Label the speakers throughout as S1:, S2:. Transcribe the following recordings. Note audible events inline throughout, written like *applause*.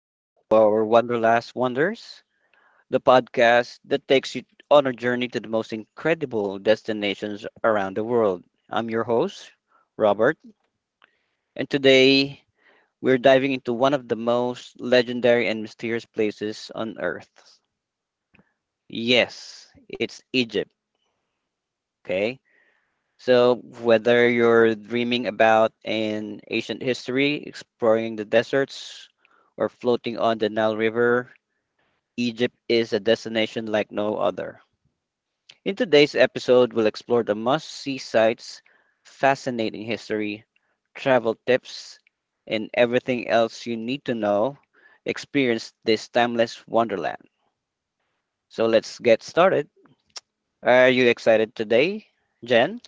S1: back to our Wanderlust Wonders, the podcast that takes you on a journey to the most incredible destinations around the world. I'm your host, Robert, and today we're diving into one of the most legendary and mysterious places on earth. Yes, it's Egypt, okay? So, whether you're dreaming about an ancient history, exploring the deserts, or floating on the Nile River, Egypt is a destination like no other. In today's episode, we'll explore the must see sites, fascinating history, travel tips, and everything else you need to know experience this timeless wonderland. So let's get started. Are you excited today, Jen?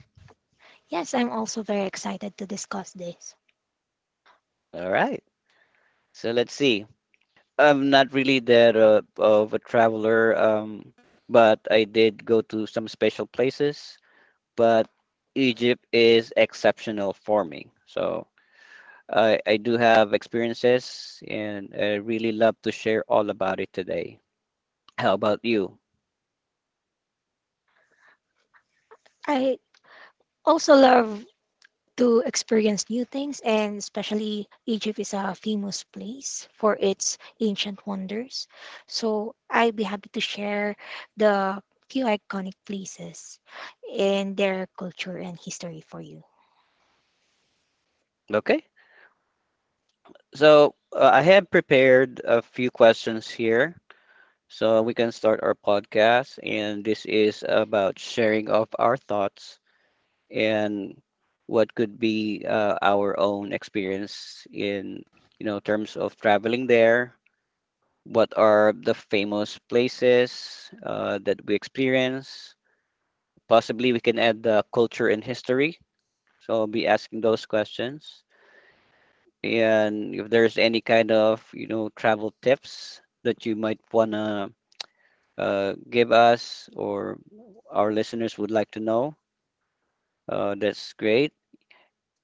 S2: Yes, I'm also very excited to discuss this.
S1: All right. So let's see. I'm not really that of a traveler, but I did go to some special places. But Egypt is exceptional for me. So I do have experiences and I really love to share all about it today. How about you?
S2: I also love to experience new things, and especially Egypt is a famous place for its ancient wonders. So I'd be happy to share the few iconic places and their culture and history for you.
S1: Okay. So I have prepared a few questions here so we can start our podcast. And this is about sharing of our thoughts and what could be our own experience in, you know, terms of traveling there, what are the famous places that we experience. Possibly we can add the culture and history. So I'll be asking those questions. And if there's any kind of, you know, travel tips that you might want to give us or our listeners would like to know, that's great.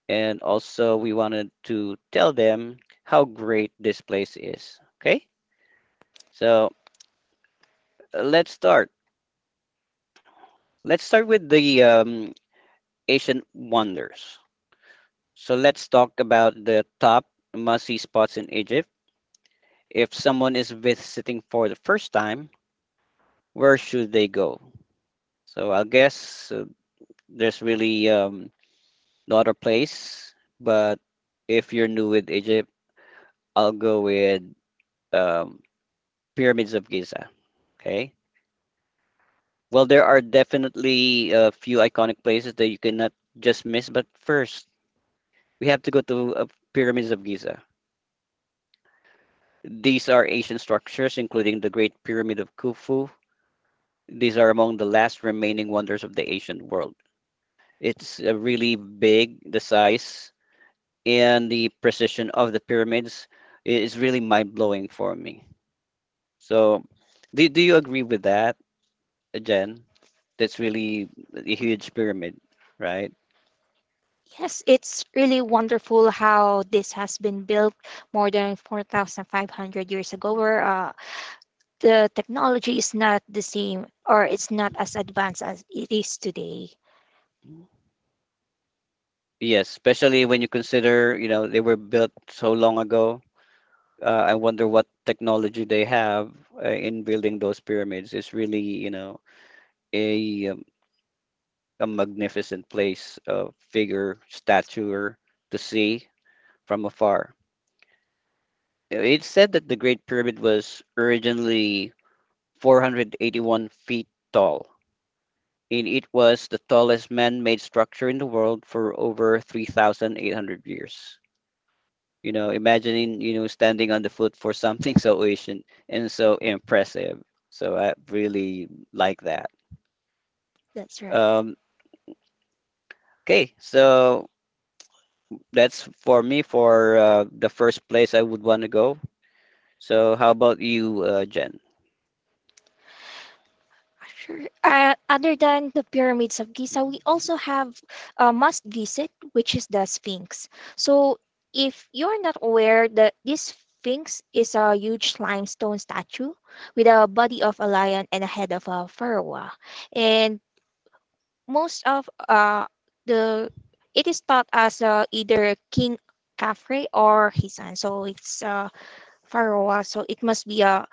S1: And also, we wanted to tell them how great this place is. Okay? So let's start. Let's start with the Ancient wonders. So let's talk about the top must-see spots in Egypt. If someone is visiting for the first time, where should they go? So I guess there's really no other place, but if you're new with Egypt, I'll go with um, Pyramids of Giza. Okay. Well, there are definitely a few iconic places that you cannot just miss, but first we have to go to Pyramids of Giza. These are ancient structures, including the Great Pyramid of Khufu. These are among the last remaining wonders of the ancient world. It's really big, the size and the precision of the pyramids is really mind blowing for me. So, do you agree with that, Jen? That's really a huge pyramid, right?
S2: Yes, it's really wonderful how this has been built more than 4,500 years ago, where the technology is not the same or it's not as advanced as it is today.
S1: Yes, especially when you consider, you know, they were built so long ago. I wonder what technology they have in building those pyramids. It's really, you know, a um, a magnificent place, figure, statue to see from afar. It's said that the Great Pyramid was originally 481 feet tall, and it was the tallest man-made structure in the world for over 3,800 years. You know, imagining, you know, standing on the foot for something so ancient and so impressive. So I really like that.
S2: That's right.
S1: Um, okay, so that's for me for the first place I would want to go. So how about you, Jen?
S2: Sure. Other than the pyramids of Giza, we also have a must visit, which is the Sphinx. So, if you're not aware, that this Sphinx is a huge limestone statue with a body of a lion and a head of a pharaoh. And most of the it is thought as either King Khafre or his son. So it's pharaoh. So it must be a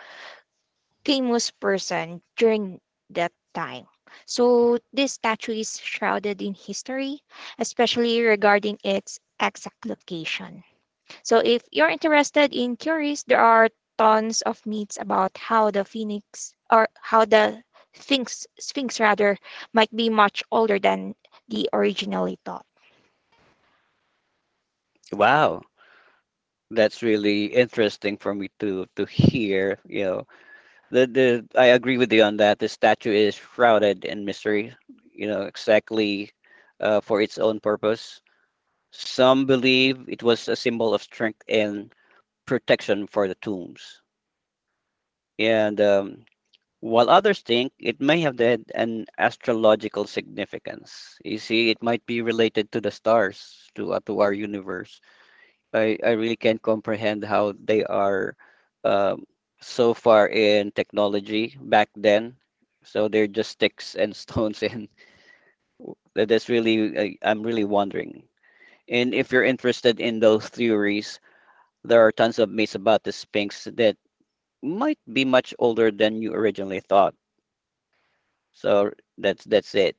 S2: famous person during that time. So this statue is shrouded in history, especially regarding its exact location. So if you're interested in theories, there are tons of myths about how the phoenix or how the sphinx rather might be much older than the originally thought.
S1: Wow, that's really interesting for me to hear. You know, the I agree with you on that. The statue is shrouded in mystery. You know, exactly for its own purpose. Some believe it was a symbol of strength and protection for the tombs. And while others think it may have had an astrological significance. You see, it might be related to the stars, to our universe. I really can't comprehend how they are um, so far in technology back then. So they're just sticks and stones, and *laughs* that's really, I'm really wondering. And if you're interested in those theories, there are tons of myths about the Sphinx that might be much older than you originally thought. So that's it.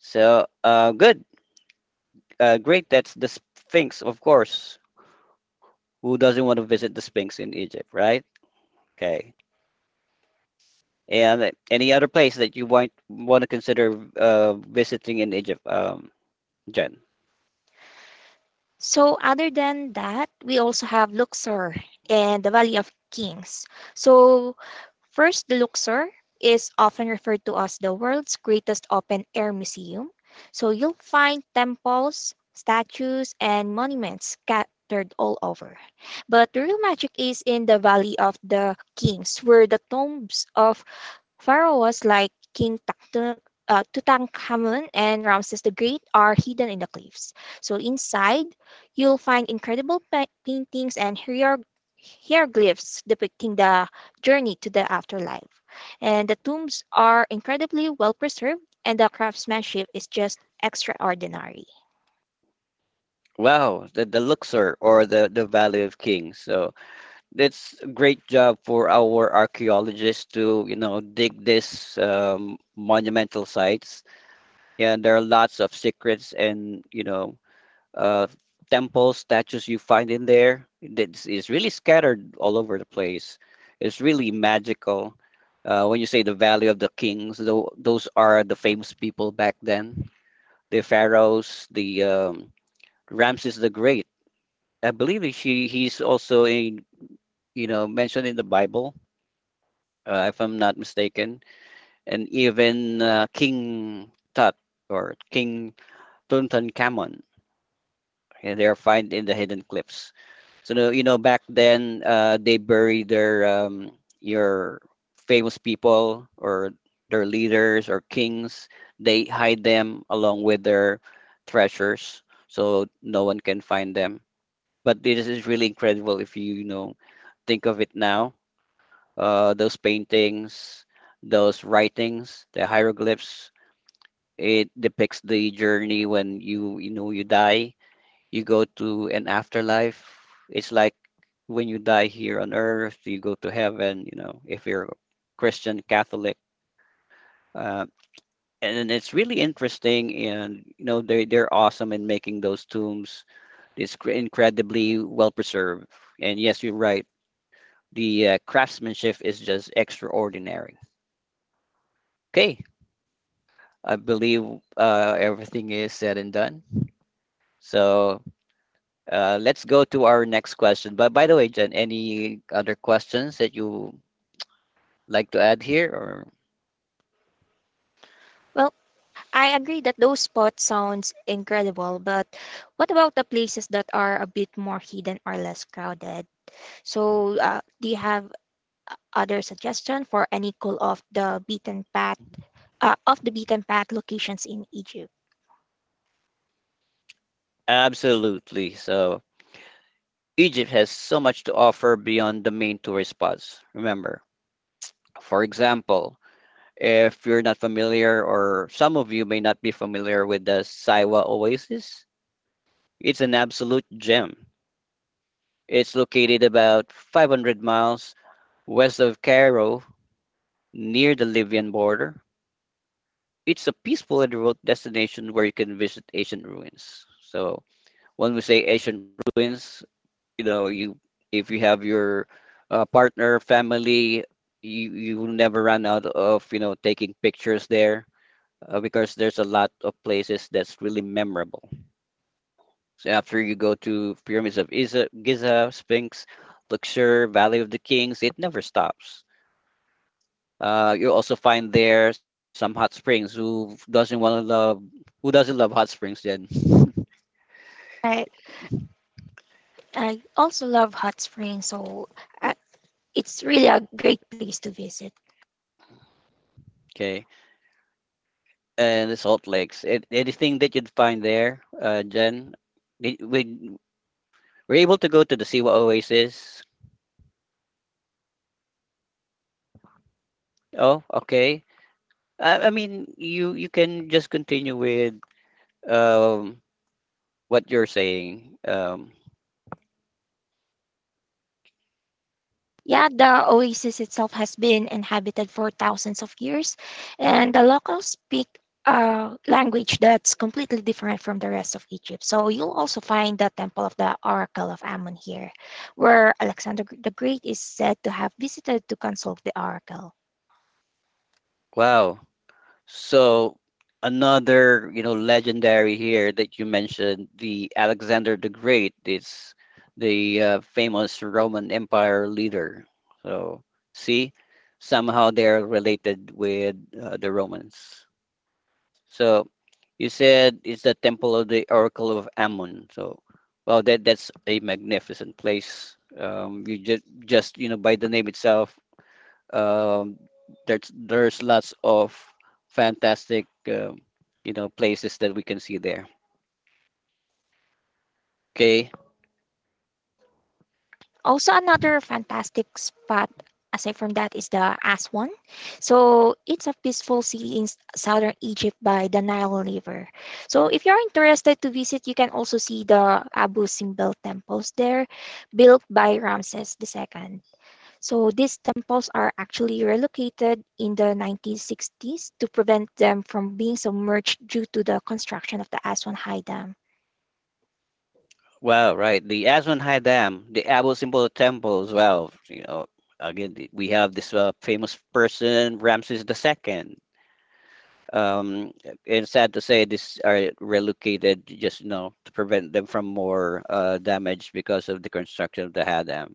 S1: So great. That's the Sphinx, of course. Who doesn't want to visit the Sphinx in Egypt, right? Okay. And any other place that you want to consider visiting in Egypt, Jen?
S2: So other than that, we also have Luxor and the Valley of Kings. So first, the Luxor is often referred to as the world's greatest open-air museum. So you'll find temples, statues, and monuments scattered all over. But the real magic is in the Valley of the Kings, where the tombs of Pharaoh was like King Tutankhamun and Ramses the Great are hidden in the cliffs. So inside, you'll find incredible paintings and hieroglyphs depicting the journey to the afterlife. And the tombs are incredibly well preserved, and the craftsmanship is just extraordinary.
S1: Wow, the Luxor or the Valley of Kings. So it's a great job for our archaeologists to, you know, dig this monumental sites. Yeah, and there are lots of secrets and, you know, uh, temples, statues you find in there. It's really scattered all over the place. It's really magical. When you say the Valley of the Kings, those are the famous people back then, the pharaohs, the Ramses the Great. I believe he's also in, you know, mentioned in the Bible if I'm not mistaken, and even King Tut or King Tutankhamun. Yeah, they are found in the hidden cliffs. So you know, back then they bury their your famous people or their leaders or kings. They hide them along with their treasures, so no one can find them. But this is really incredible if you, you know, think of it now, those paintings, those writings, the hieroglyphs. It depicts the journey when you know, you die, you go to an afterlife. It's like when you die here on earth, you go to heaven. You know, if you're Christian, Catholic, uh, and it's really interesting. And you know, they're awesome in making those tombs. It's incredibly well preserved. And yes, you're right. The craftsmanship is just extraordinary. Okay, I believe everything is said and done. So let's go to our next question. But by the way, Jen, any other questions that you like to add here? Or
S2: Well, I agree that those spots sounds incredible, but what about the places that are a bit more hidden or less crowded? So, do you have other suggestion for any cool off the beaten path, locations in Egypt?
S1: absolutely. So Egypt has so much to offer beyond the main tourist spots. Remember, for example, if you're not familiar, or some of you may not be familiar with the Siwa Oasis, it's an absolute gem. It's located about 500 miles west of Cairo near the Libyan border. It's a peaceful and remote destination where you can visit ancient ruins. So when we say ancient ruins, you know, you, if you have your partner, family, you will never run out of, you know, taking pictures there because there's a lot of places that's really memorable. So after you go to pyramids of Giza, Giza Sphinx, Luxor, Valley of the Kings, it never stops. You also find there some hot springs. Who doesn't want to love? Who doesn't love hot springs, Jen? *laughs*
S2: Right. I also love hot springs, so uh, it's really a great place to visit.
S1: Okay, and the salt lakes. It, anything that you'd find there, Jen. We we- we're able to go to the Siwa Oasis. Oh, okay. I mean, you can just continue with um what you're saying.
S2: Yeah, the oasis itself has been inhabited for thousands of years, and the locals speak a language that's completely different from the rest of Egypt. So you'll also find the Temple of the Oracle of Ammon here, where Alexander the Great is said to have visited to consult the oracle.
S1: Wow. So another, you know, legendary here that you mentioned, the Alexander the Great, is the famous Roman Empire leader. So see, somehow they're related with the Romans. So you said it's the temple of the Oracle of Ammon. So well, that's a magnificent place. You just you know by the name itself, um, there's lots of fantastic you know places that we can see there. Okay,
S2: Also, another fantastic spot aside from that is the Aswan. So, it's a peaceful city in southern Egypt by the Nile River. So, if you're interested to visit, you can also see the Abu Simbel temples there, built by Ramses II. So, these temples are actually relocated in the 1960s to prevent them from being submerged due to the construction of the Aswan High Dam.
S1: wow, right? The Aswan High Dam, the Abu Simbel Temple as well. You know, again we have this famous person Ramses the Second. Um, it's sad to say these are relocated just you know to prevent them from more damage because of the construction of the Hadam.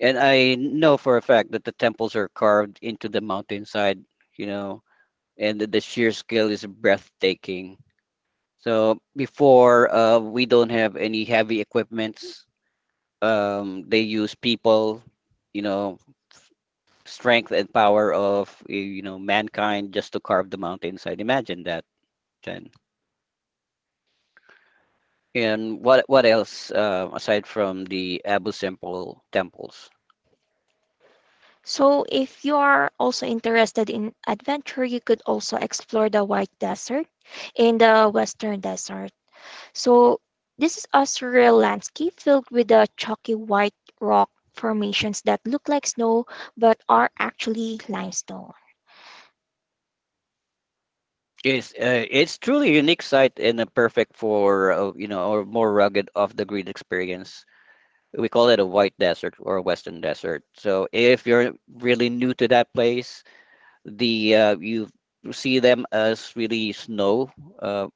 S1: And I know for a fact that the temples are carved into the mountainside. You know, and the sheer scale is breathtaking. So before, we don't have any heavy equipments. They use people, you know, strength and power of you know mankind just to carve the mountainside. Imagine that, Jen. And what else aside from the Abu Simbel temples?
S2: So, if you are also interested in adventure, you could also explore the White Desert in the Western Desert. So, this is a surreal landscape filled with the chalky white rock formations that look like snow but are actually limestone.
S1: Yes, it's truly a unique site and a perfect for you know or more rugged off the grid experience. We call it a white desert or a western desert. So if you're really new to that place, the you see them as really snow. Uh,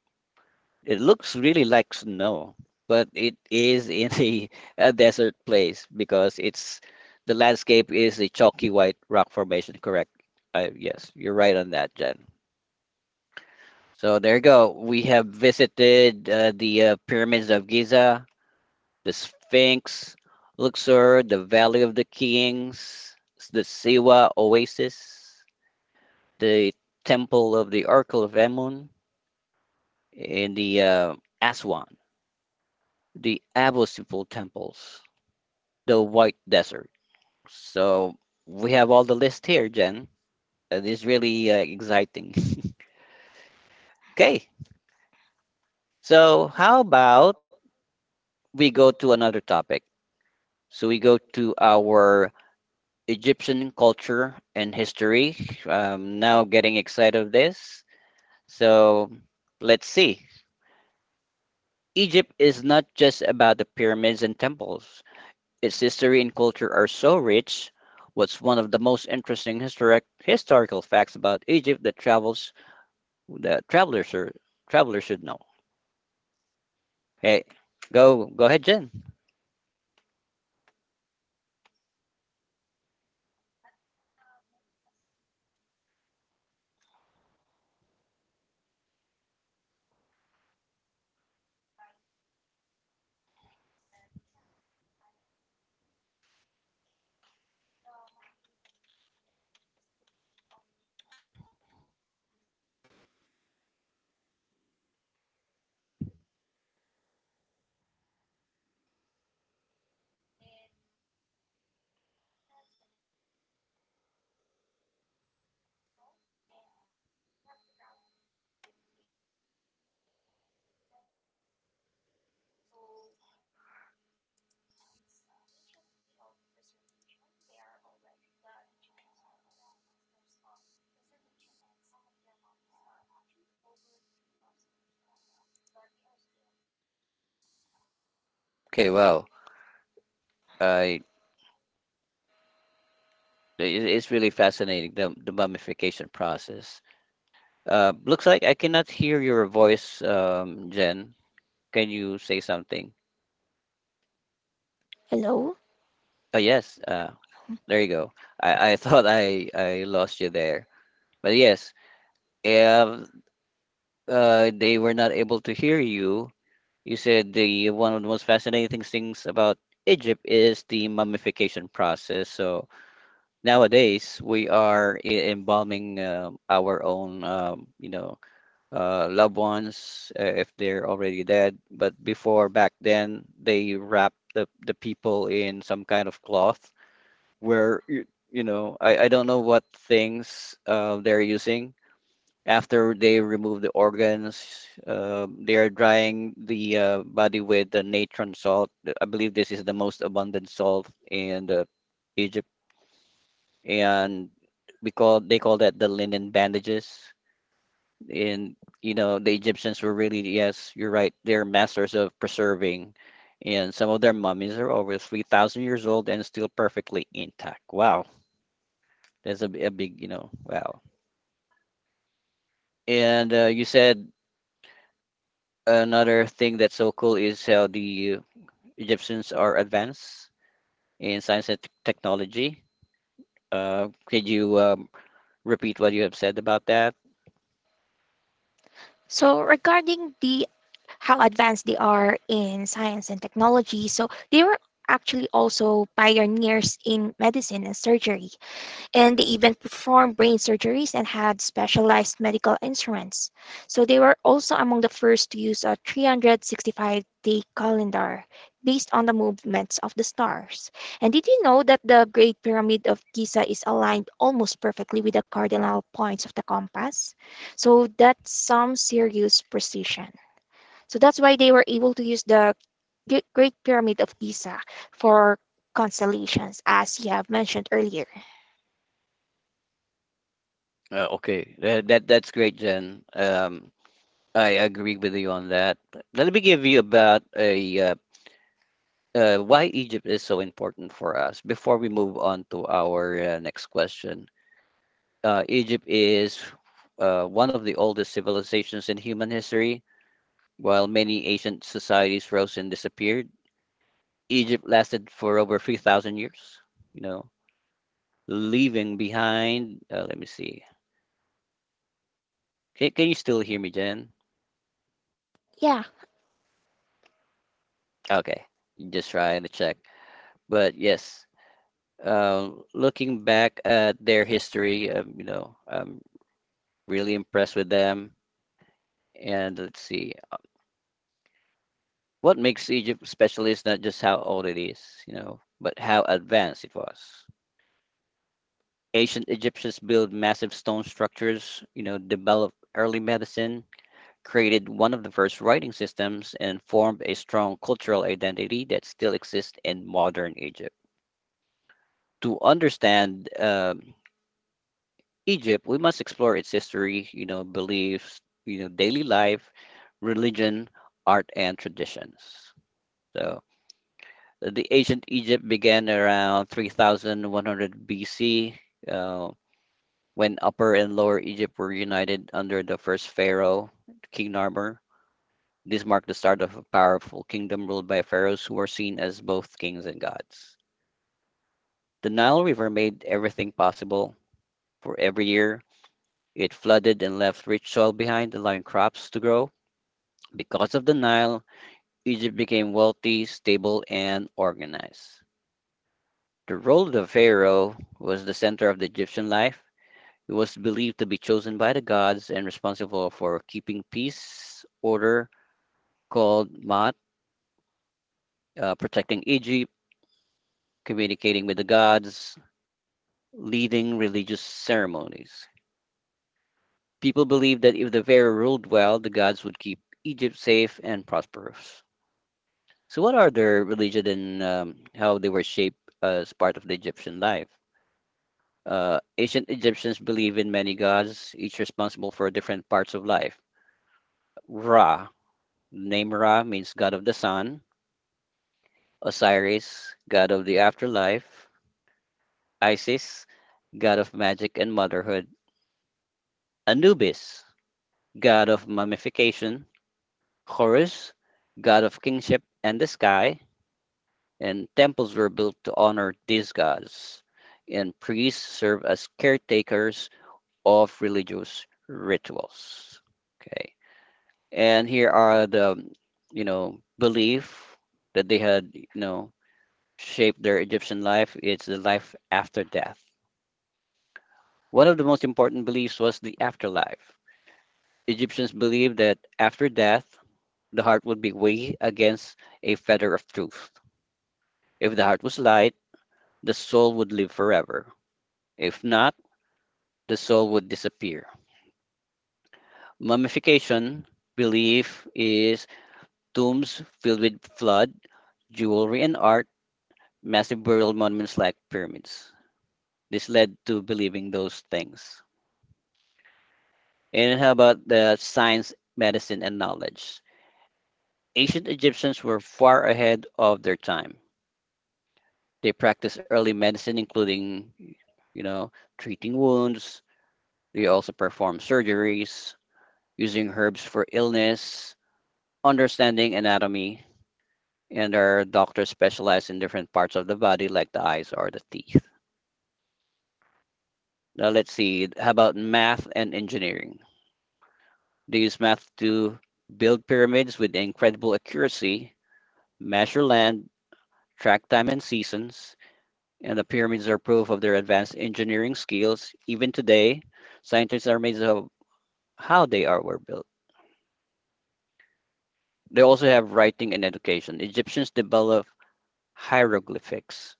S1: it looks really like snow, but it is *laughs* in a desert place because it's the landscape is a chalky white rock formation. Correct? Yes, you're right on that, Jen. So there you go. We have visited the pyramids of Giza, the Sphinx, Luxor, the Valley of the Kings, the Siwa Oasis, the Temple of the Oracle of Amun, and the Aswan, the Abusifal temples, the White Desert. So we have all the list here, Jen. It is really exciting. Okay, so how about we go to another topic? So we go to our Egyptian culture and history. I'm now getting excited of this. So let's see. Egypt is not just about the pyramids and temples. Its history and culture are so rich. What's one of the most interesting historical facts about Egypt that travelers should know? Hey, go ahead, Jen. Okay, wow. I it's really fascinating the mummification process. Looks like I cannot hear your voice, Jen. Can you say something?
S2: Hello?
S1: Oh, yes. There you go. I *laughs* thought I lost you there. But yes, if they were not able to hear you, you said the one of the most fascinating things about Egypt is the mummification process. So nowadays we are embalming our own, loved ones if they're already dead. But before back then, they wrapped the people in some kind of cloth where, I don't know what things they're using. After they remove the organs, they are drying the body with the natron salt. I believe this is the most abundant salt in the Egypt, and we call they call that the linen bandages, and you know the egyptians were really, yes, you're right, they're masters of preserving, and some of their mummies are over 3,000 years old and still perfectly intact. Wow, that's a big, you know, wow. And you said another thing that's so cool is how the egyptians are advanced in science and technology. Could you repeat what you have said about that?
S2: So, regarding the how advanced they are in science and technology, so they were actually also pioneers in medicine and surgery. And they even performed brain surgeries and had specialized medical instruments. So they were also among the first to use a 365-day calendar based on the movements of the stars. And did you know that the Great Pyramid of Giza is aligned almost perfectly with the cardinal points of the compass? So that's some serious precision. So that's why they were able to use the Great Pyramid of Giza for constellations, as you have mentioned earlier.
S1: Okay, that's great, jen. I agree with you on that. Let me give you about a why Egypt is so important for us before we move on to our next question. Egypt is one of the oldest civilizations in human history. While many ancient societies rose and disappeared, Egypt lasted for over 3,000 years, you know, leaving behind, let me see. Can you still hear me, Jen?
S2: Yeah.
S1: Okay, just trying to check. But yes, looking back at their history, you know, I'm really impressed with them. And let's see, what makes Egypt special is not just how old it is, you know, but how advanced it was. Ancient Egyptians built massive stone structures, you know, developed early medicine, created one of the first writing systems, and formed a strong cultural identity that still exists in modern Egypt. To understand Egypt, we must explore its history, you know, beliefs, you know, daily life, religion, art, and traditions. So the ancient Egypt began around 3100 BC uh, when Upper and Lower Egypt were united under the first pharaoh, King Narmer. This marked the start of a powerful kingdom ruled by pharaohs who were seen as both kings and gods. The Nile River made everything possible, for every year it flooded and left rich soil behind, allowing crops to grow. Because of the Nile, Egypt became wealthy, stable, and organized. The role of the pharaoh was the center of the Egyptian life. He was believed to be chosen by the gods and responsible for keeping peace, order, called Maat, protecting Egypt, communicating with the gods, leading religious ceremonies. People believed that if the pharaoh ruled well, the gods would keep Egypt safe and prosperous. So, what are their religion, and how they were shaped as part of the Egyptian life? Ancient Egyptians believe in many gods, each responsible for different parts of life. Ra, the name Ra means god of the sun. Osiris, god of the afterlife. Isis, god of magic and motherhood. Anubis, god of mummification. Horus, god of kingship and the sky. And temples were built to honor these gods, and priests served as caretakers of religious rituals. Okay, and here are the, you know, belief that they had, you know, shaped their Egyptian life. It's the life after death. One of the most important beliefs was the afterlife. Egyptians believed that after death, the heart would be weighed against a feather of truth. If the heart was light, the soul would live forever. If not, the soul would disappear. Mummification belief is tombs filled with blood, jewelry, and art, massive burial monuments like pyramids. This led to believing those things. And how about the science, medicine, and knowledge? Ancient Egyptians were far ahead of their time. They practiced early medicine, including, you know, treating wounds. They also performed surgeries, using herbs for illness, understanding anatomy, and our doctors specialize in different parts of the body like the eyes or the teeth. Now let's see, how about math and engineering? They use math to build pyramids with incredible accuracy, measure land, track time and seasons, and the pyramids are proof of their advanced engineering skills. Even today, scientists are amazed of how they are were built. They also have writing and education. Egyptians developed hieroglyphics,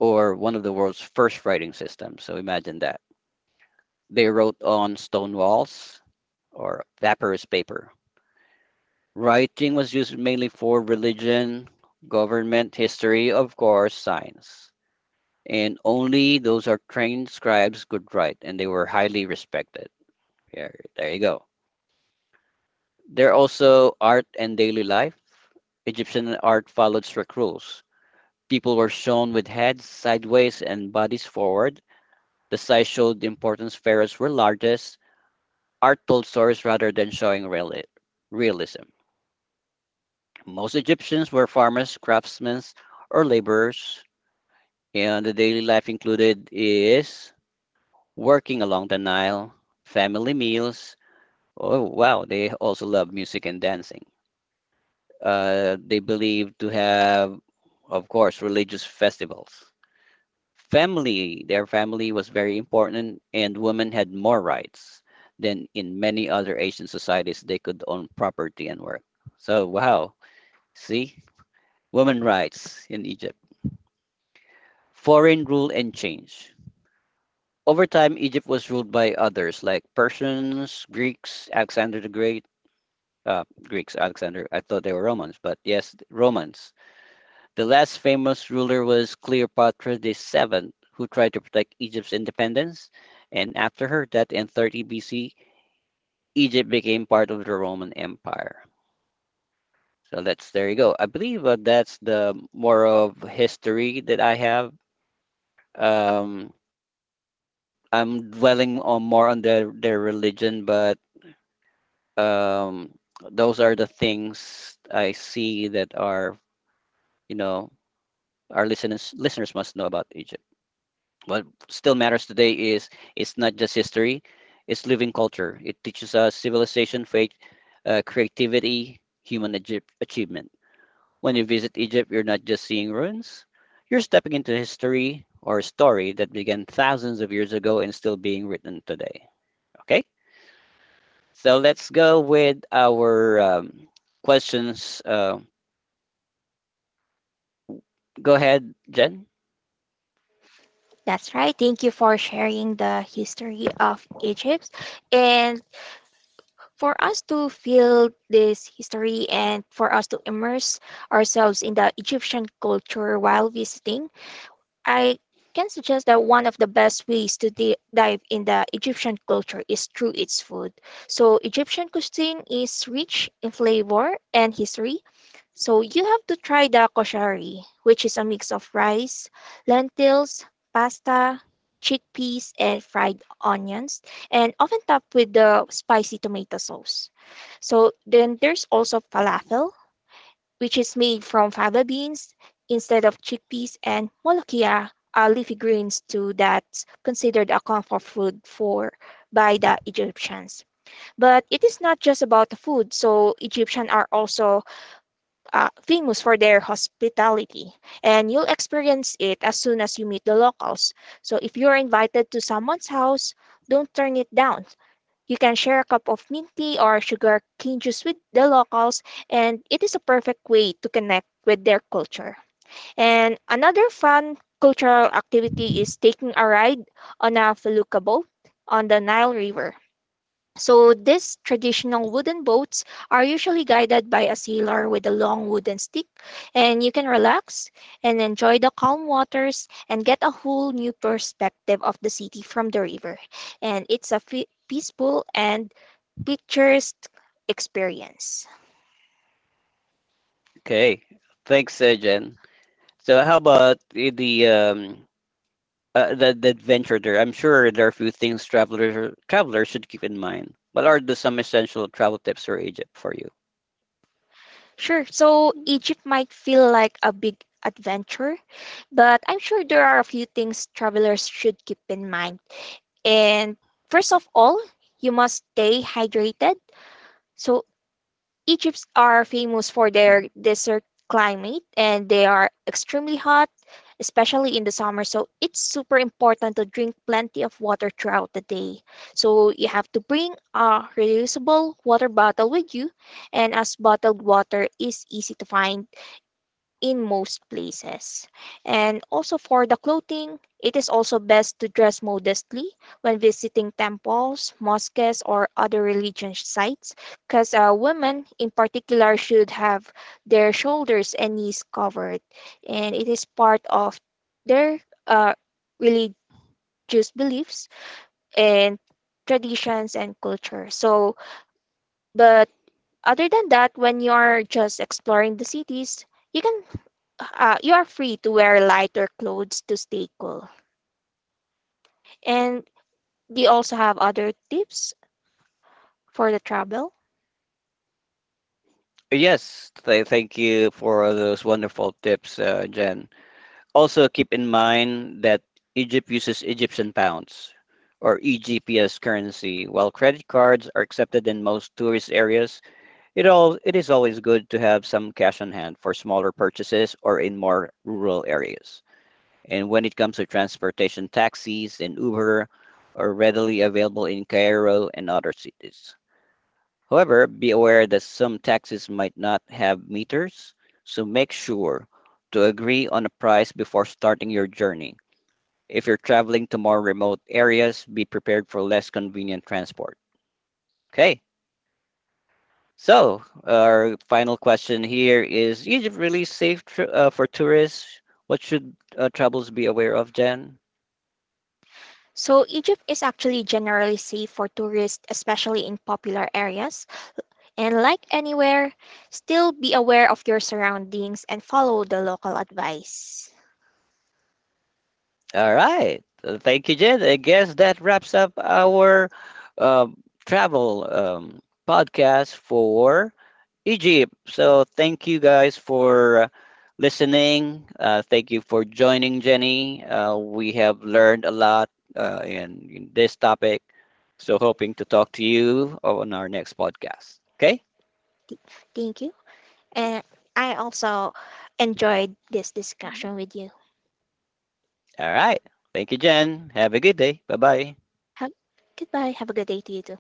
S1: or one of the world's first writing systems. So imagine that. They wrote on stone walls or papyrus paper. Writing was used mainly for religion, government, history, of course, science. And only those are trained scribes could write, and they were highly respected. Here, there you go. There are also art and daily life. Egyptian art followed strict rules. People were shown with heads sideways and bodies forward. The size showed the importance, pharaohs were largest, art told stories rather than showing realism. Most Egyptians were farmers, craftsmen, or laborers, and the daily life included is working along the Nile, family meals. Oh, wow, they also love music and dancing. They believe to have, of course, religious festivals. Family Their family was very important, and women had more rights than in many other asian societies. They could own property and work. So wow, see, women rights in egypt. Foreign rule and change over time, egypt was ruled by others like persians, greeks, alexander the great. Greeks alexander I thought they were romans, but yes, romans. The last famous ruler was Cleopatra VII, who tried to protect Egypt's independence, and after her death in 30 BC, Egypt became part of the Roman Empire. So that's, there you go. I believe that's the more of history that I have. Um, I'm dwelling on more on their religion, but um, those are the things I see that are, you know, our listeners must know about Egypt. What still matters today is it's not just history, it's living culture. It teaches us civilization, faith, creativity, human achievement. When you visit Egypt, you're not just seeing ruins, you're stepping into history or a story that began thousands of years ago and still being written today. Okay? So let's go with our questions. Go ahead, Jen.
S2: That's right. Thank you for sharing the history of Egypt. And for us to feel this history and for us to immerse ourselves in the Egyptian culture while visiting, I can suggest that one of the best ways to dive in the Egyptian culture is through its food. So, Egyptian cuisine is rich in flavor and history. So, you have to try the koshari, which is a mix of rice, lentils, pasta, chickpeas, and fried onions, and often topped with the spicy tomato sauce. So, then there's also falafel, which is made from fava beans instead of chickpeas, and molokhia, leafy greens too, that's considered a comfort food for by the Egyptians. But it is not just about the food, so Egyptians are also famous for their hospitality, and you'll experience it as soon as you meet the locals. So if you're invited to someone's house, don't turn it down. You can share a cup of mint tea or sugar cane juice with the locals, and it is a perfect way to connect with their culture. And another fun cultural activity is taking a ride on a felucca boat on the Nile River. So these traditional wooden boats are usually guided by a sailor with a long wooden stick, and you can relax and enjoy the calm waters and get a whole new perspective of the city from the river. And it's a peaceful and pictures experience.
S1: Okay. Thanks, Jen. So how about the adventure there. I'm sure there are a few things travelers should keep in mind. What are the some essential travel tips for Egypt for you?
S2: Sure, so Egypt might feel like a big adventure, but I'm sure there are a few things travelers should keep in mind. And first of all, you must stay hydrated. So Egypts are famous for
S1: Mhm.
S2: their desert climate and they are extremely hot, especially in the summer. So it's super important to drink plenty of water throughout the day. So you have to bring a reusable water bottle with you, and as bottled water is easy to find in most places. And also for the clothing, it is also best to dress modestly when visiting temples, mosques, or other religious sites, because women in particular should have their shoulders and knees covered, and it is part of their uh, religious beliefs and traditions and culture. So, but other than that, when you're just exploring the cities, you can you are free to wear lighter clothes to stay cool. And they also have other tips for the travel.
S1: Yes, thank you for those wonderful tips, Jen. Also, keep in mind that Egypt uses Egyptian pounds or EGP as currency. While credit cards are accepted in most tourist areas, it is always good to have some cash on hand for smaller purchases or in more rural areas. And when it comes to transportation, taxis and Uber are readily available in Cairo and other cities. However, be aware that some taxis might not have meters, so make sure to agree on a price before starting your journey. If you're traveling to more remote areas, be prepared for less convenient transport. Okay, so our final question here is, Egypt really safe for tourists? What should travelers be aware of, Jen?
S2: So Egypt is actually generally safe for tourists, especially in popular areas. And like anywhere, still be aware of your surroundings and follow the local advice.
S1: All right. Thank you, Jen. I guess that wraps up our um, travel podcast for Egypt. So thank you guys for listening. Thank you for joining, Jenny. We have learned a lot in this topic. So hoping to talk to you on our next podcast. Okay.
S2: Thank you. And I also enjoyed this discussion with you.
S1: All right. Thank you, Jen. Have a good day. Bye bye.
S2: Have, goodbye. Have a good day to you too.